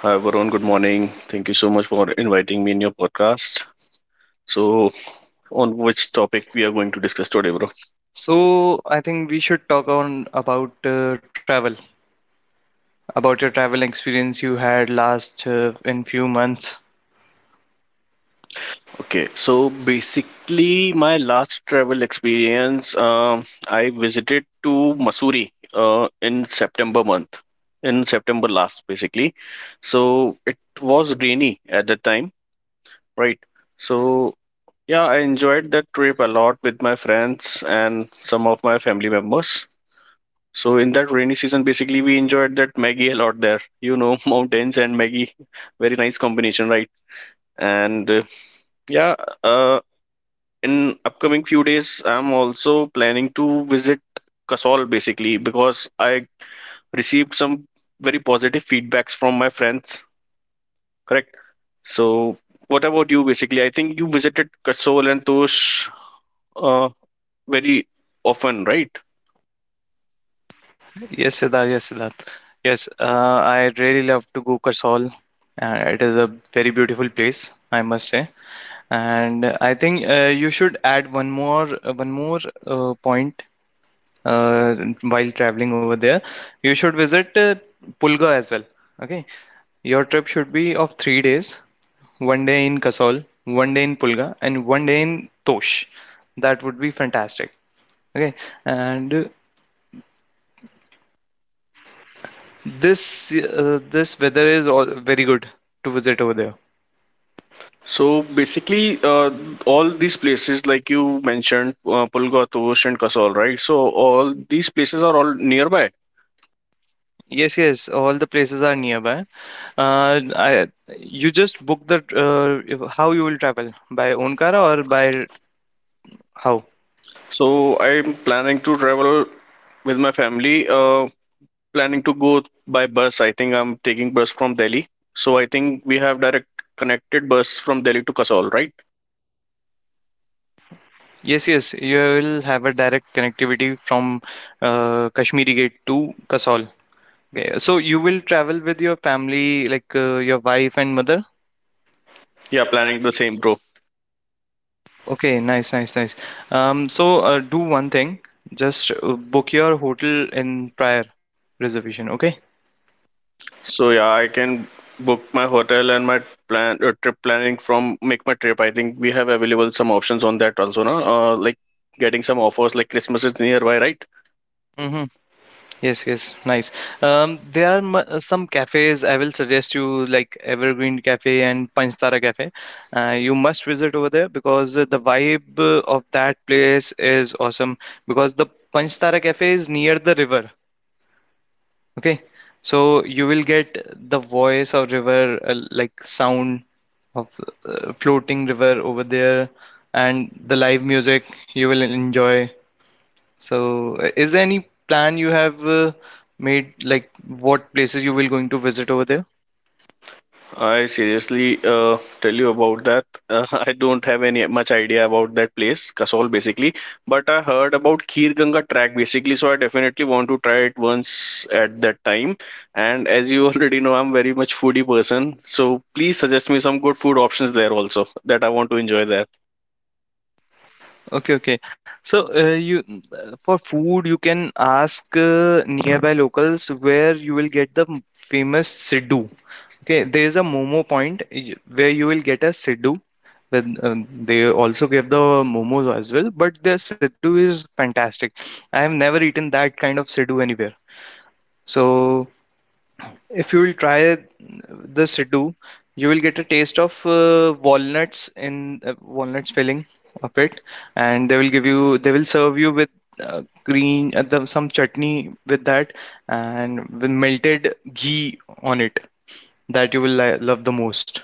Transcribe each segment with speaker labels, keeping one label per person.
Speaker 1: Hi, Varun. Good morning. Thank you so much for inviting me in your podcast. So, on which topic we are going to discuss today, bro?
Speaker 2: So, I think we should talk on about travel, about your travel experience you had last in few months.
Speaker 1: Okay, so basically, my last travel experience, I visited to Missouri in September month, in September last, basically. So it was rainy at the time, right? So yeah, I enjoyed that trip a lot with my friends and some of my family members. So in that rainy season, basically we enjoyed that Maggie a lot there. You know, mountains and Maggie, very nice combination, right? And uh, yeah, uh, in upcoming few days, I'm also planning to visit Kasol basically because I received some very positive feedbacks from my friends. Correct. So what about you? Basically, I think you visited Kasol and Tosh uh, very often, right?
Speaker 2: Yes, Siddharth. Yes, Siddharth. Yes, I really love to go Kasol. It is a very beautiful place, I must say. And I think you should add one more point, uh, while traveling over there, you should visit Pulga as well. Okay, your trip should be of 3 days: one day in Kasol, one day in Pulga, and one day in Tosh. That would be fantastic. Okay, and this weather is all very good to visit over there.
Speaker 1: So basically, all these places, like you mentioned, Pulgatose and Kasol, right? So all these places are all nearby.
Speaker 2: Yes, yes, all the places are nearby. Uh, I, you just book the how you will travel by own car or by how?
Speaker 1: So I'm planning to travel with my family. Planning to go by bus. I think I'm taking bus from Delhi. So I think we have direct connected bus from Delhi to Kasol, right?
Speaker 2: Yes, yes, you will have a direct connectivity from Kashmiri Gate to Kasol. Okay. So you will travel with your family, like your wife and mother.
Speaker 1: Yeah, planning the same, bro.
Speaker 2: Okay, nice, nice, nice. So do one thing, just book your hotel in prior reservation. Okay.
Speaker 1: So yeah, I can book my hotel and my plan trip planning from make my trip. I think we have available some options on that also, na? Like getting some offers like Christmas is nearby, right?
Speaker 2: Mhm. Yes, yes, nice. There are some cafes I will suggest you, like Evergreen Cafe and Panchthara Cafe. You must visit over there because the vibe of that place is awesome. Because the Panchthara Cafe is near the river. Okay, so you will get the voice of river, like sound of floating river over there, and the live music you will enjoy. So, is there any plan you have made, like what places you will going to visit over there?
Speaker 1: I seriously tell you about that. I don't have any much idea about that place, Kasol basically, but I heard about Khir Ganga track basically, so I definitely want to try it once at that time. And as you already know, I'm very much foodie person, so please suggest me some good food options there also that I want to enjoy there.
Speaker 2: Okay, okay. So, for food, you can ask nearby locals where you will get the famous Siddu. Okay, there is a Momo point where you will get a Siddu. Then they also give the momos as well, but their Siddu is fantastic. I have never eaten that kind of Siddu anywhere. So. If you will try the Siddu, you will get a taste of walnuts in walnuts filling of it, and they will serve you with green some chutney with that and with melted ghee on it that you will li love the most.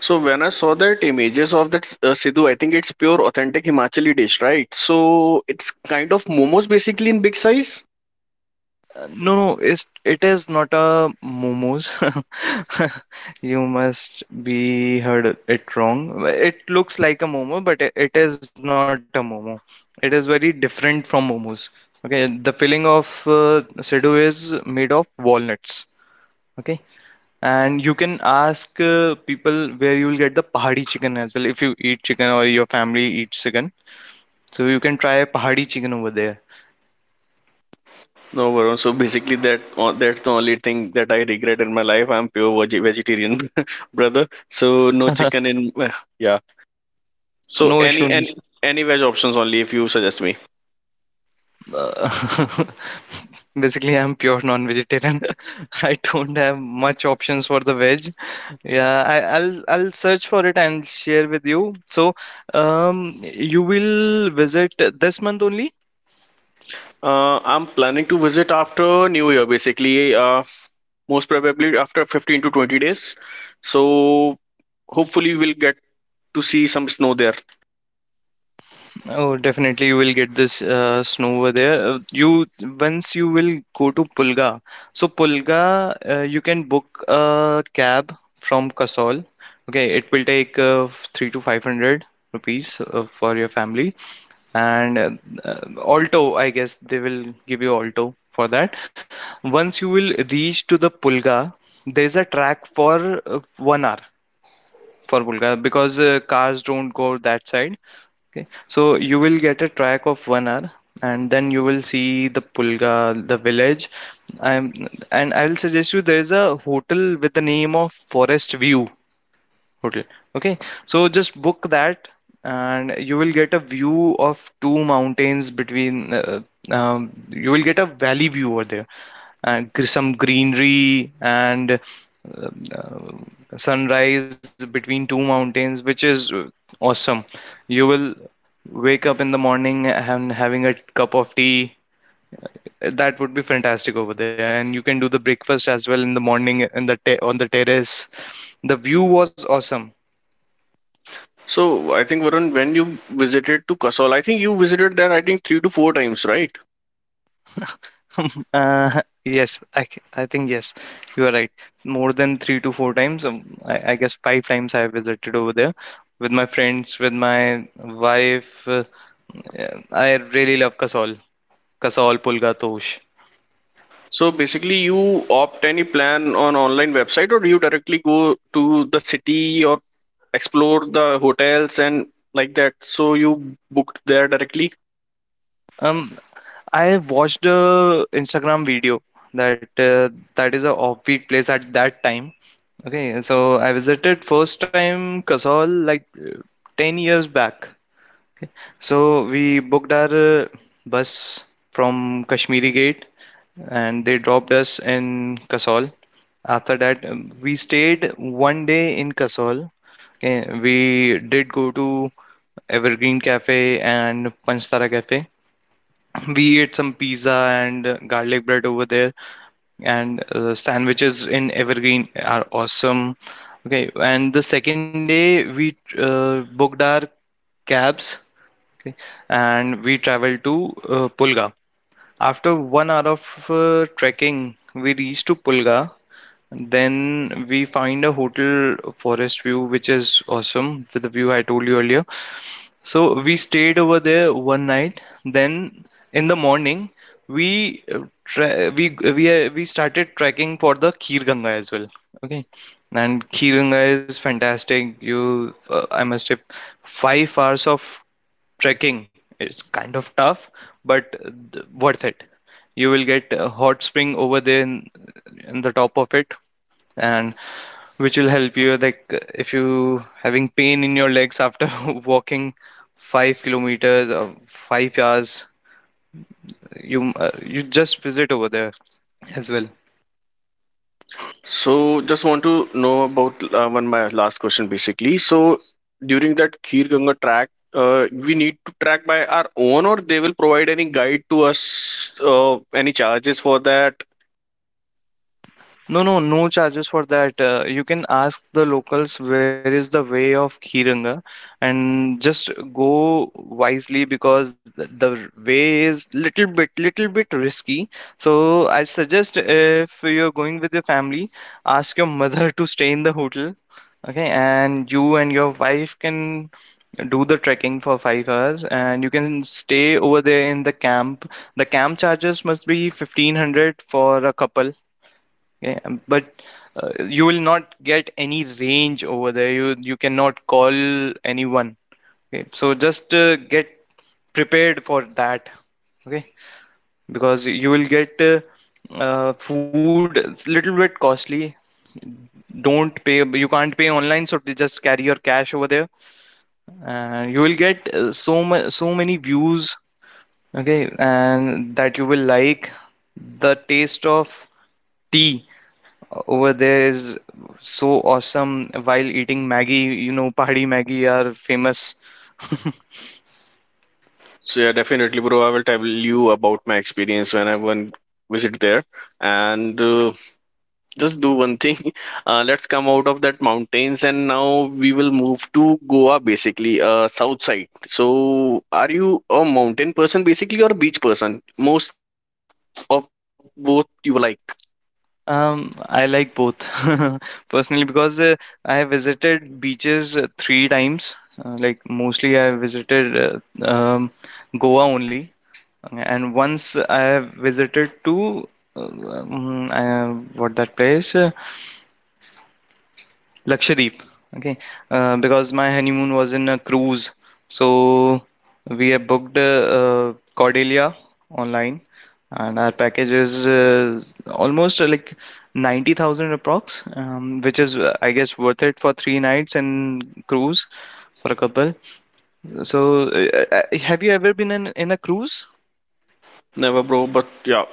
Speaker 1: So when I saw that images of that Sidhu, I think it's pure authentic Himachali dish, right? So it's kind of momos basically in big size.
Speaker 2: No, no, it is not a momos. You must be heard it wrong. It looks like a momo, but it is not a momo. It is very different from momos. Okay, the filling of Sidhu is made of walnuts. Okay, and you can ask people where you will get the pahadi chicken as well if you eat chicken or your family eats chicken. So you can try pahadi chicken over there.
Speaker 1: No, Varun. So basically, that that's the only thing that I regret in my life. I'm pure veg- vegetarian, brother. So no chicken in. Well, yeah. So
Speaker 2: No issue,
Speaker 1: any
Speaker 2: no
Speaker 1: any
Speaker 2: issue.
Speaker 1: any veg options only if you suggest me.
Speaker 2: Uh, Basically, I'm pure non-vegetarian. I don't have much options for the veg. Yeah, I'll search for it and share with you. So, you will visit this month only?
Speaker 1: I'm planning to visit after New Year, basically. Most probably after 15 to 20 days. So hopefully we'll get to see some snow there.
Speaker 2: Oh, definitely you will get this snow over there. You Once you will go to Pulga. So Pulga, you can book a cab from Kasol. Okay, it will take three to five hundred rupees for your family, and uh, Alto, I guess they will give you Alto for that. Once you will reach to the Pulga, there's a track for one hour for Pulga, because cars don't go that side. Okay, so you will get a track of one hour, and then you will see the Pulga, the village. I'm, and I'll suggest you, there's a hotel with the name of Forest View Hotel. Okay, so just book that, and you will get a view of two mountains between. You will get a valley view over there, and some greenery, and uh, sunrise between two mountains, which is awesome. You will wake up in the morning and having a cup of tea. That would be fantastic over there, and you can do the breakfast as well in the morning in the on the terrace. The view was awesome.
Speaker 1: So I think Varun, when you visited to Kasol, I think you visited there I think three to four times, right?
Speaker 2: Yes, I think yes, you are right. More than 3 to 4 times, I guess 5 times I visited over there with my friends, with my wife. Yeah, I really love Kasol, Kasol, Pulga, Tosh.
Speaker 1: So basically, you opt any plan on online website, or do you directly go to the city or explore the hotels and like that? So you booked there directly.
Speaker 2: Um, I watched a Instagram video that uh, that is a offbeat place at that time. Okay, so I visited first time Kasol like 10 years back. So we booked our bus from Kashmiri Gate and they dropped us in Kasol. After that, we stayed one day in Kasol. Okay, we did go to Evergreen Cafe and Panchthara Cafe. We ate some pizza and garlic bread over there, and sandwiches in Evergreen are awesome. Okay, and the second day we booked our cabs. Okay. And we traveled to Pulga. After one hour of trekking, we reached to Pulga, then we find a hotel Forest View, which is awesome for the view I told you earlier. So we stayed over there one night. Then in the morning, we uh, we started trekking for the Khir Ganga as well. Okay, and Khir Ganga is fantastic. I must say, 5 hours of trekking. It's kind of tough, but worth it. You will get a hot spring over there in the top of it, and which will help you, like, if you having pain in your legs after walking 5 kilometers or 5 hours, you just visit over there as well.
Speaker 1: So just want to know about one my last question basically. So during that Khir Ganga track, we need to track by our own, or they will provide any guide to us, any charges for that?
Speaker 2: No, no, no charges for that. You can ask the locals where is the way of Khiranga and just go wisely because the way is little bit risky. So I suggest if you're going with your family, ask your mother to stay in the hotel. Okay, and you and your wife can do the trekking for 5 hours and you can stay over there in the camp. The camp charges must be 1500 for a couple, yeah, but you will not get any range over there. You cannot call anyone. Okay, so just get prepared for that. Okay, because you will get food. It's a little bit costly. Don't pay. You can't pay online, so just carry your cash over there. And you will get so many views. Okay, and that you will like, the taste of tea over there is so awesome while eating Maggie, Pahadi Maggie are famous.
Speaker 1: So yeah, definitely, bro. I will tell you about my experience when I went visit there, and just do one thing. Let's come out of that mountains, and now we will move to Goa, basically, south side. So, are you a mountain person, basically, or a beach person? Most of both you like.
Speaker 2: I like both personally because I have visited beaches 3 times. Like mostly, I have visited Goa only, and once I have visited to uh, um, uh, what that place? Lakshadweep. Okay, because my honeymoon was in a cruise, so we have booked Cordelia online, and our package is almost like 90,000 approx, which is I guess worth it for 3 nights and cruise for a couple. So, have you ever been in a cruise?
Speaker 1: Never, bro. But yeah,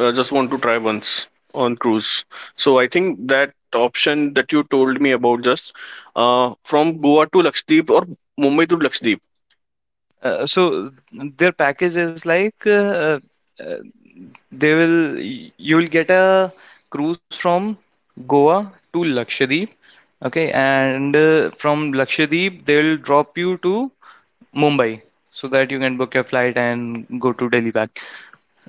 Speaker 1: I just want to try once on cruise. So I think that option that you told me about just from Goa to Lakshadweep or Mumbai to Lakshadweep.
Speaker 2: So their package is like uh, They will you'll get a cruise from Goa to Lakshadweep. Okay, and from Lakshadweep they'll drop you to Mumbai, so that you can book your flight and go to Delhi back.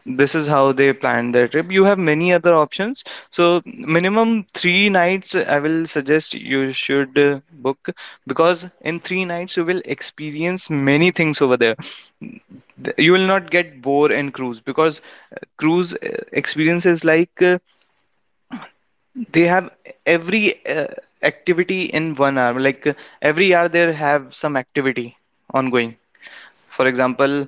Speaker 2: This is how they plan their trip. You have many other options. So minimum 3 nights, I will suggest you should book, because in 3 nights you will experience many things over there. You will not get bored in cruise because cruise experience is like they have every activity in one hour, like every hour they have some activity ongoing. For example,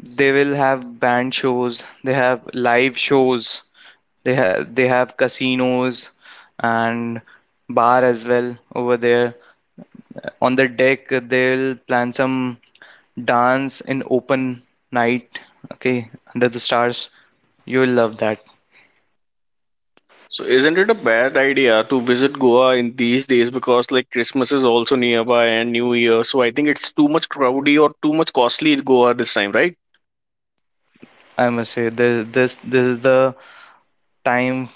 Speaker 2: they will have band shows, they have live shows, they have casinos and bar as well over there. On the deck, they'll plan some dance in open night. Okay, under the stars. You will love that.
Speaker 1: So isn't it a bad idea to visit Goa in these days because like Christmas is also nearby and New Year. So I think it's too much crowdy or too much costly in Goa this time, right?
Speaker 2: I must say this is the time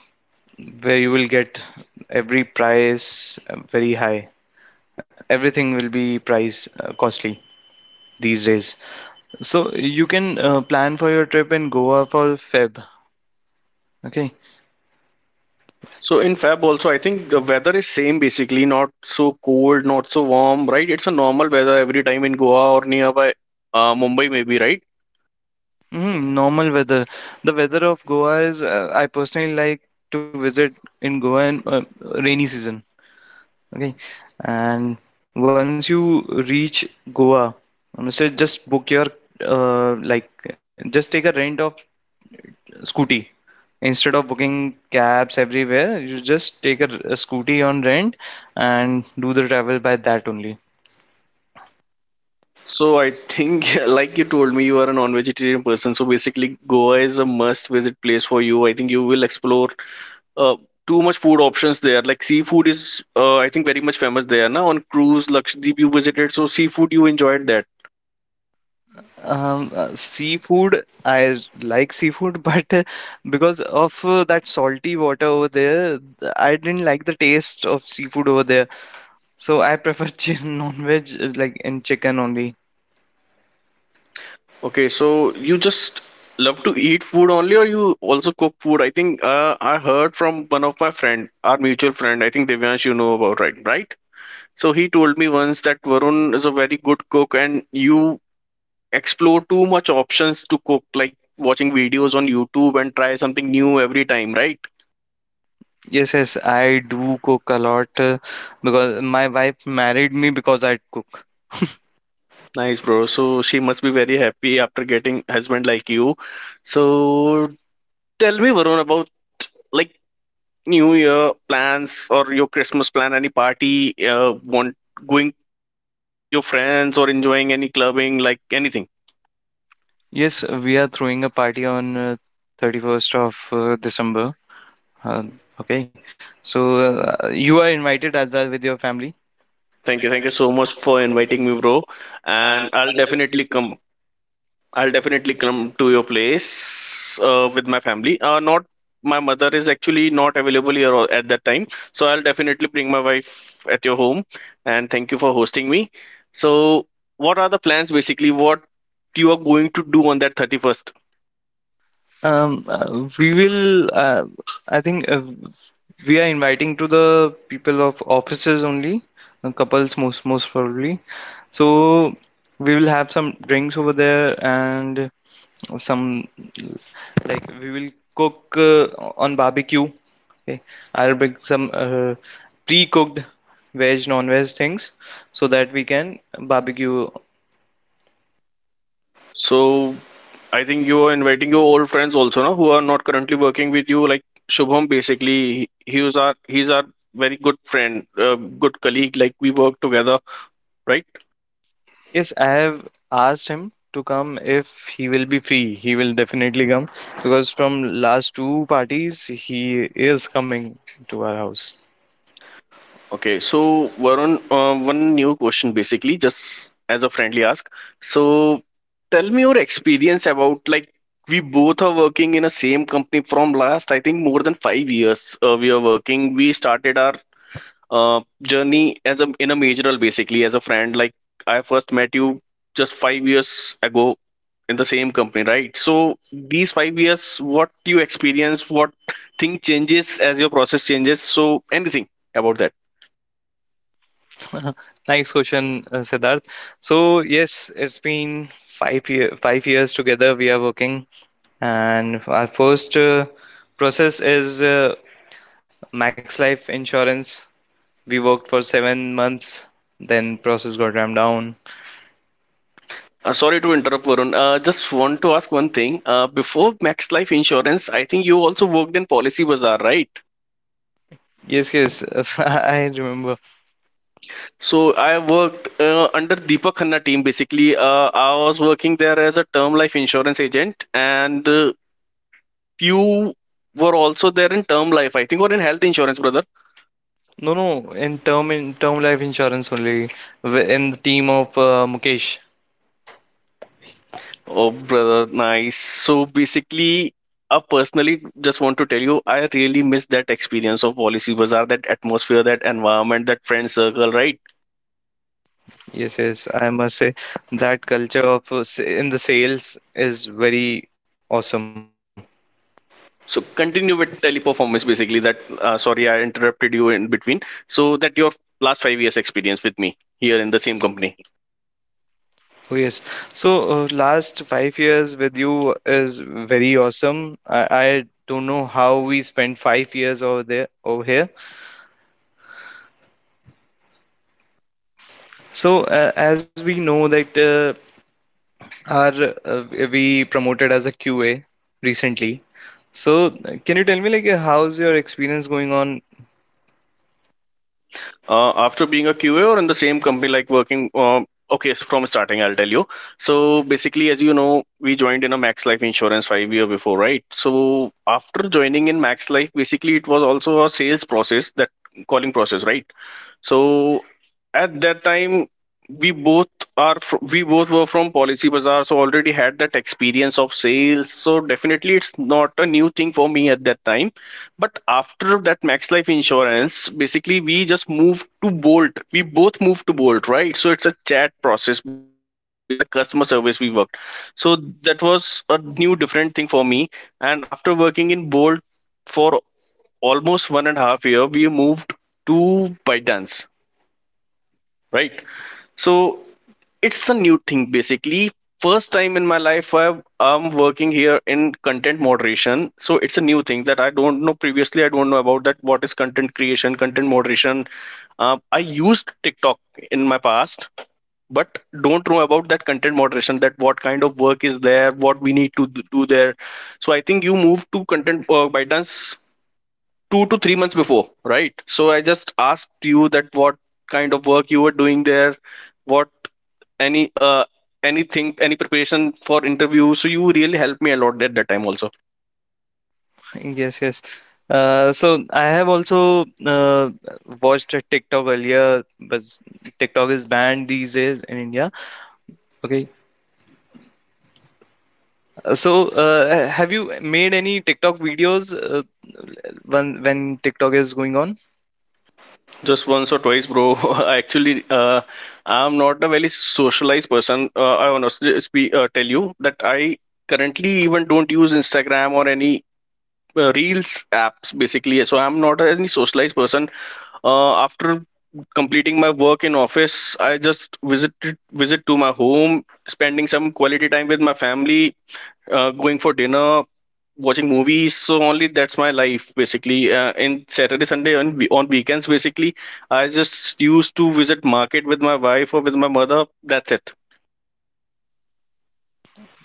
Speaker 2: where you will get every price very high. Everything will be price costly these days. So you can plan for your trip in Goa for Feb. Okay.
Speaker 1: So in Feb also I think the weather is same basically, not so cold, not so warm, right? It's a normal weather every time in Goa or nearby Mumbai maybe, right?
Speaker 2: Mm, normal weather. The weather of Goa is, I personally like to visit in Goa in rainy season. Okay. And once you reach Goa, so just book your, like, just take a rent of scooty. Instead of booking cabs everywhere, you just take a scooty on rent and do the travel by that only.
Speaker 1: So I think like you told me you are a non-vegetarian person, so basically Goa is a must visit place for you. I think you will explore uh, too much food options there. Like seafood is, I think, very much famous there. Now on cruise, Lakshadweep you visited, so seafood you enjoyed that.
Speaker 2: Seafood, I like seafood, but because of that salty water over there, I didn't like the taste of seafood over there. So I prefer non-veg, like in chicken only.
Speaker 1: Okay, so you just love to eat food only, or you also cook food? I think I heard from one of my friend, our mutual friend. I think Devyansh, you know about right? So he told me once that Varun is a very good cook, and you explore too much options to cook, like watching videos on YouTube and try something new every time, right?
Speaker 2: Yes, yes, I do cook a lot because my wife married me because I cook.
Speaker 1: Nice, bro. So she must be very happy after getting husband like you. So tell me, Varun, about like New Year plans or your Christmas plan. Any party? Want going with your friends or enjoying any clubbing? Like anything.
Speaker 2: Yes, we are throwing a party on 31st of December. Uh, okay, so you are invited as well with your family.
Speaker 1: Thank you. Thank you so much for inviting me, bro. And I'll definitely come to your place with my family. Not My mother is actually not available here at that time, so I'll definitely bring my wife at your home. And thank you for hosting me. So, what are the plans basically? What you are going to do on that 31st?
Speaker 2: We will, I think we are inviting to the people of offices only, couples most probably. So we will have some drinks over there and some like we will cook on barbecue. Okay, I'll bring some pre-cooked veg, non-veg things so that we can barbecue.
Speaker 1: So, I think you are inviting your old friends also, no, who are not currently working with you. Like Shubham, basically, he's our very good friend, good colleague. Like we work together, right?
Speaker 2: Yes, I have asked him to come if he will be free. He will definitely come because from last 2 parties he is coming to our house.
Speaker 1: Okay, so Varun, one new question basically, just as a friendly ask. So tell me your experience about like we both are working in a same company from last, I think more than 5 years. We are working. We started our journey as a in a major role basically as a friend. Like I first met you just 5 years ago in the same company, right? So these 5 years, what you experience, what thing changes as your process changes. So anything about that.
Speaker 2: Nice question, Siddharth. So yes, it's been 5 years together we are working, and our first process is Max Life Insurance. We worked for 7 months, then process got ramped down.
Speaker 1: Sorry to interrupt, Varun. Just want to ask one thing. Before Max Life Insurance, I think you also worked in Policy Bazaar, right?
Speaker 2: Yes, yes, I remember.
Speaker 1: So I worked under Deepak Khanna team. Basically, I was working there as a term life insurance agent, and you were also there in term life, I think, or in health insurance, brother.
Speaker 2: No, no, in term life insurance only in the team of Mukesh.
Speaker 1: Oh, brother, nice. So basically, I personally just want to tell you, I really miss that experience of Policy Bazaar, that atmosphere, that environment, that friend circle, right?
Speaker 2: Yes, yes, I must say that culture of in the sales is very awesome.
Speaker 1: So continue with teleperformance basically that sorry I interrupted you in between. So that your last 5 years experience with me here in the same company.
Speaker 2: Oh yes. So last 5 years with you is very awesome. I don't know how we spent 5 years over here. So as we know that our we promoted as a QA recently. So can you tell me like how's your experience going on?
Speaker 1: After being a QA or in the same company like working okay from starting I'll tell you. So basically as you know we joined in a Max Life insurance 5 year before, right? So after joining in Max Life basically it was also a sales process, that calling process, right? So at that time, we both we both were from Policy Bazaar, so already had that experience of sales. So definitely, it's not a new thing for me at that time. But after that Max Life Insurance, basically we just moved to Bolt. We both moved to Bolt, right? So it's a chat process basically as a customer service we worked. So that was a new different thing for me. And after working in Bolt for almost 1.5 years, we moved to ByteDance, right? So it's a new thing basically, first time in my life I am working here in content moderation. So it's a new thing that I don't know, previously I don't know about that, what is content creation, content moderation. Uh, I used TikTok in my past, but don't know about that content moderation, that what kind of work is there, what we need to do there. So I think you moved to content ByteDance 2 to 3 months before, right? So I just asked you that what kind of work you were doing there, what any uh anything, any preparation for interview, so you really helped me a lot at that time also.
Speaker 2: Yes, yes. So I have also watched a TikTok earlier, but TikTok is banned these days in India. Okay. Have you made any TikTok videos when TikTok is going on?
Speaker 1: Just once or twice, bro. I actually uh, I'm not a very socialized person. Uh, I honestly tell you that I currently even don't use Instagram or any reels apps basically, so I'm not any socialized person. Uh, after completing my work in office, I just visit to my home, spending some quality time with my family, going for dinner, watching movies. So only that's my life basically. Uh, in saturday sunday and we- on weekends basically, I just used to visit market with my wife or with my mother. That's it.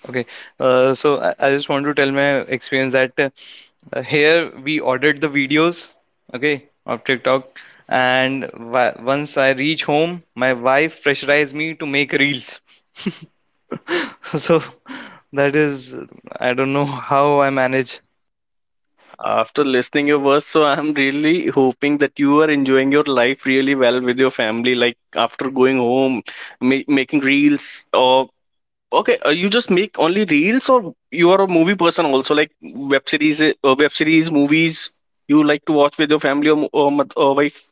Speaker 2: Okay. So I just want to tell my experience that here we ordered the videos, okay, of TikTok, and wh once I reach home, my wife pressurized me to make reels. So that is, I don't know how I manage.
Speaker 1: After listening your verse, so I'm really hoping that you are enjoying your life really well with your family. Like after going home, making reels, or okay, you just make only reels, or you are a movie person also, like web series, movies you like to watch with your family or wife?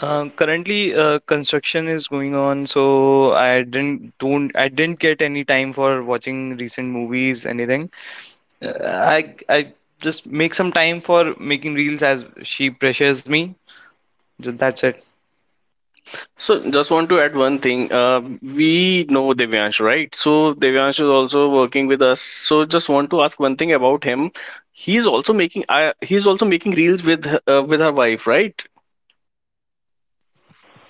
Speaker 2: Currently, construction is going on, so I didn't get any time for watching recent movies, anything. Uh, I just make some time for making reels as she pressures me. That's it.
Speaker 1: So just want to add one thing. We know Devyansh, right? So Devyansh is also working with us. So just want to ask one thing about him. He's also making reels with her wife, right?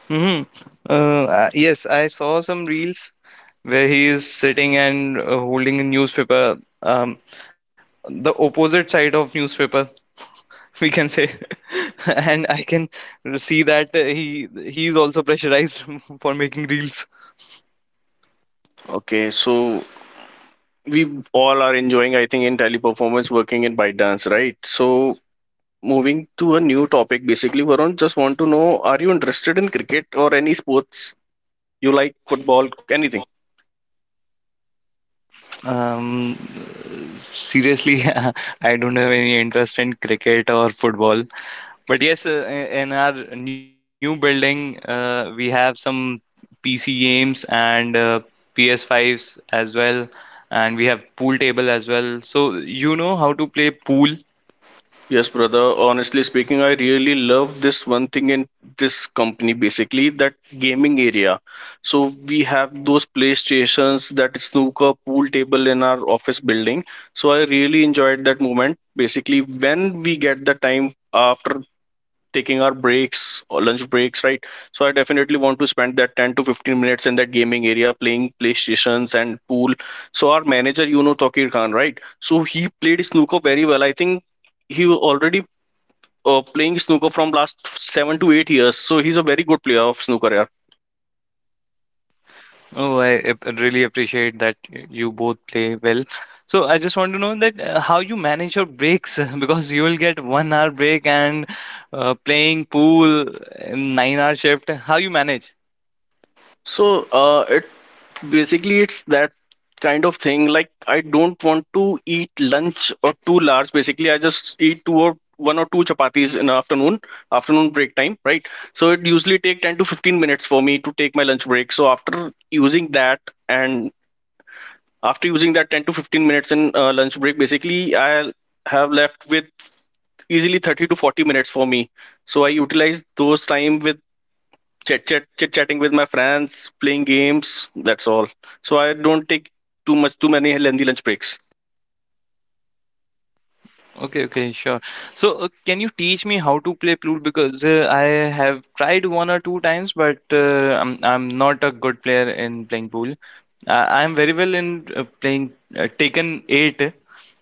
Speaker 2: Mm-hmm. Yes, I saw some reels where he is sitting and holding a newspaper, um, the opposite side of newspaper. We can say and I can see that he is also pressurized for making reels.
Speaker 1: Okay, so we all are enjoying, I think, in Teleperformance, working in ByteDance, right? So moving to a new topic, basically, Varun, just want to know, are you interested in cricket or any sports? You like football, anything?
Speaker 2: um seriously, I don't have any interest in cricket or football, but yes, in our new building we have some PC games and PS5s as well, and we have pool table as well. So you know how to play pool?
Speaker 1: Yes, brother. Honestly speaking, I really love this one thing in this company, basically that gaming area. So we have those PlayStations, that snooker pool table in our office building. So I really enjoyed that moment. Basically, when we get the time after taking our breaks or lunch breaks, right, so I definitely want to spend that 10 to 15 minutes in that gaming area playing PlayStations and pool. So our manager, you know, Taqir Khan, right, so he played snooker very well, I think. He was already playing snooker from last 7 to 8 years, so he's a very good player of snooker, yeah.
Speaker 2: Oh, I really appreciate that you both play well. So I just want to know that how you manage your breaks because you will get 1 hour break and playing pool in 9 hour shift. How you manage?
Speaker 1: So uh, basically it's that kind of thing, like I don't want to eat lunch or too large, basically. I just eat two or one or two chapatis in the afternoon break time, right? So it usually take 10 to 15 minutes for me to take my lunch break. So and after using that 10 to 15 minutes in lunch break, basically I have left with easily 30 to 40 minutes for me. So I utilize those time with chit chatting with my friends, playing games. That's all. So I don't take too many lengthy lunch breaks.
Speaker 2: Okay, okay, sure. So, can you teach me how to play flute? Because I have tried 1 or 2 times, but I'm not a good player in playing pool. I'm very well in playing Taken 8,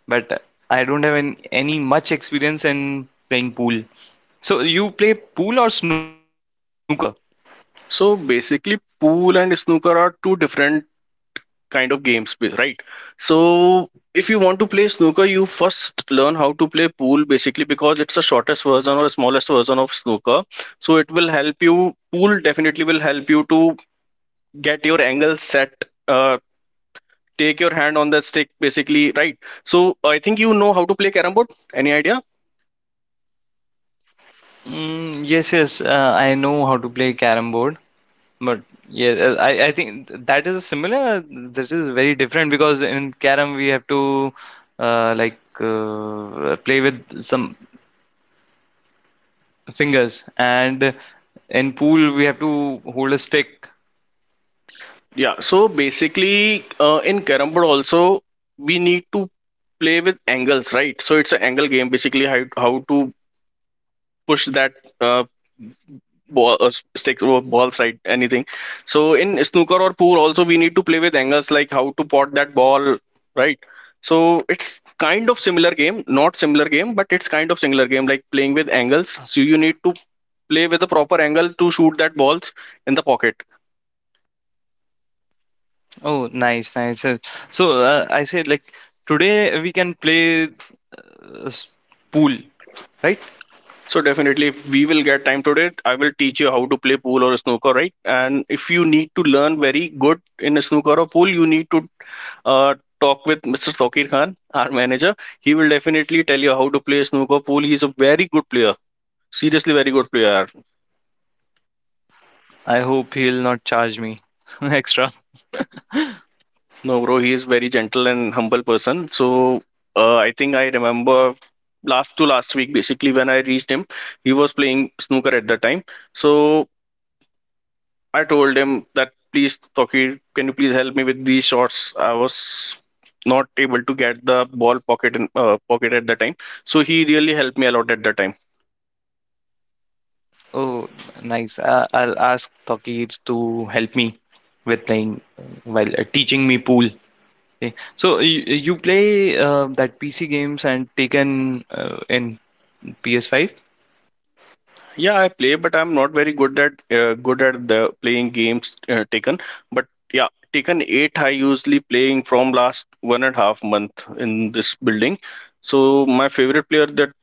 Speaker 2: but I don't have any, much experience in playing pool. So, you play pool or snooker?
Speaker 1: So basically, pool and snooker are two different kind of games, right? So if you want to play snooker, you first learn how to play pool basically, because it's the shortest version or smallest version of snooker. So it will help you. Pool definitely will help you to get your angle set. Uh, take your hand on the stick, basically, right? So I think you know how to play carom board, any idea?
Speaker 2: Mm, yes, yes, I know how to play carom board. But yeah, I think that is similar. That is very different because in carom we have to play with some fingers, and in pool we have to hold a stick.
Speaker 1: Yeah, so basically, in carom board also, we need to play with angles, right? So it's an angle game, basically. How to push that uh, ball, stick or balls, right? Anything. So in snooker or pool also, we need to play with angles, like how to pot that ball, right? So it's kind of similar game, not similar game, but it's kind of similar game, like playing with angles. So you need to play with a proper angle to shoot that balls in the pocket.
Speaker 2: Oh, nice, nice. So I say like today we can play s- pool, right?
Speaker 1: So definitely, if we will get time today, I will teach you how to play pool or snooker, right? And if you need to learn very good in a snooker or pool, you need to uh, talk with Mr. Sokir Khan, our manager. He will definitely tell you how to play snooker pool. He is a very good player. Seriously, very good player.
Speaker 2: I hope he'll not charge me extra.
Speaker 1: No, bro, he is very gentle and humble person. So I think I remember last to last week, basically when I reached him, he was playing snooker at the time. So I told him that, please, Tokir, can you please help me with these shots? I was not able to get the ball pocket pocket at the time, so he really helped me a lot at the time.
Speaker 2: Oh, nice. I'll ask Tokir to help me with playing while teaching me pool. Okay. You play that PC games and Taken in PS5.
Speaker 1: Yeah, I play, but I'm not very good at the playing games, taken. But yeah, taken eight. I usually playing from last 1.5 months in this building. So my favorite player that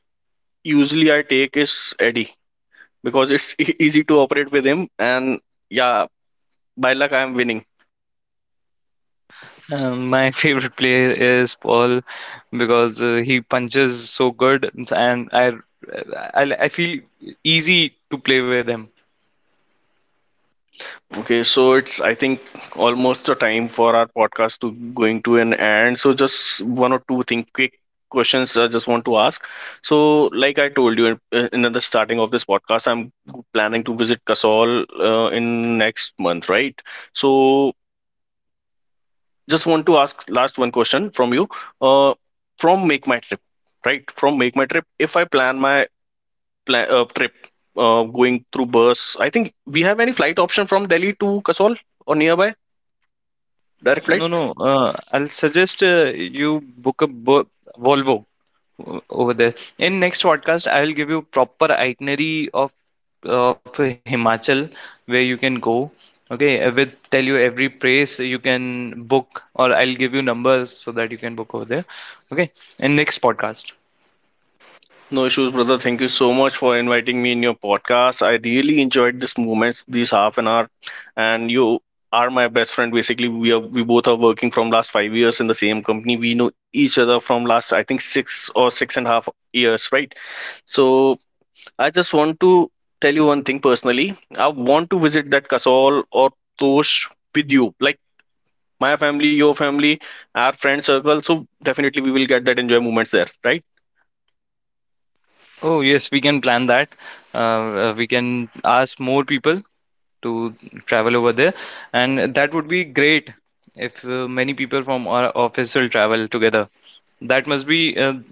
Speaker 1: usually I take is Eddie, because it's easy to operate with him, and yeah, by luck I am winning.
Speaker 2: My favorite player is Paul because he punches so good and I feel easy to play with him.
Speaker 1: Okay, so it's, I think, almost the time for our podcast to going to an end. So just one or two thing quick questions I just want to ask. So like I told you in the starting of this podcast, I'm planning to visit Kasol in next month, right? So just want to ask last one question from you. Uh, from Make My Trip, right? From Make My Trip, if I plan my plan trip, going through bus, I think we have any flight option from Delhi to Kasol or nearby? Direct flight?
Speaker 2: No, no. I'll suggest you book a bo Volvo o- over there. In next podcast, I will give you proper itinerary of Himachal where you can go. Okay, I will tell you every place you can book, or I'll give you numbers so that you can book over there. Okay, in next podcast.
Speaker 1: No issues, brother. Thank you so much for inviting me in your podcast. I really enjoyed this moments, these half an hour, and you are my best friend. Basically, we both are working from last 5 years in the same company. We know each other from last, I think, 6 or 6.5 years, right? So I just want to tell you one thing personally. I want to visit that Kasol or Tosh with you, like my family, your family, our friend circle. So definitely we will get that enjoy moments there, right?
Speaker 2: Oh yes, we can plan that. Uh, we can ask more people to travel over there, and that would be great if many people from our office will travel together. That must be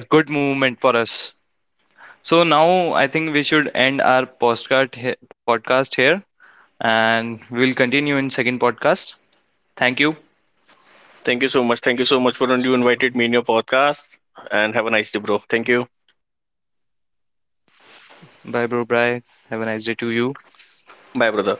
Speaker 2: a good movement for us. So now I think we should end our podcast here and we'll continue in second podcast. Thank you.
Speaker 1: Thank you so much. Thank you so much for, you invited me in your podcast. And have a nice day, bro. Thank you.
Speaker 2: Bye bro, bye. Have a nice day to you.
Speaker 1: Bye, brother.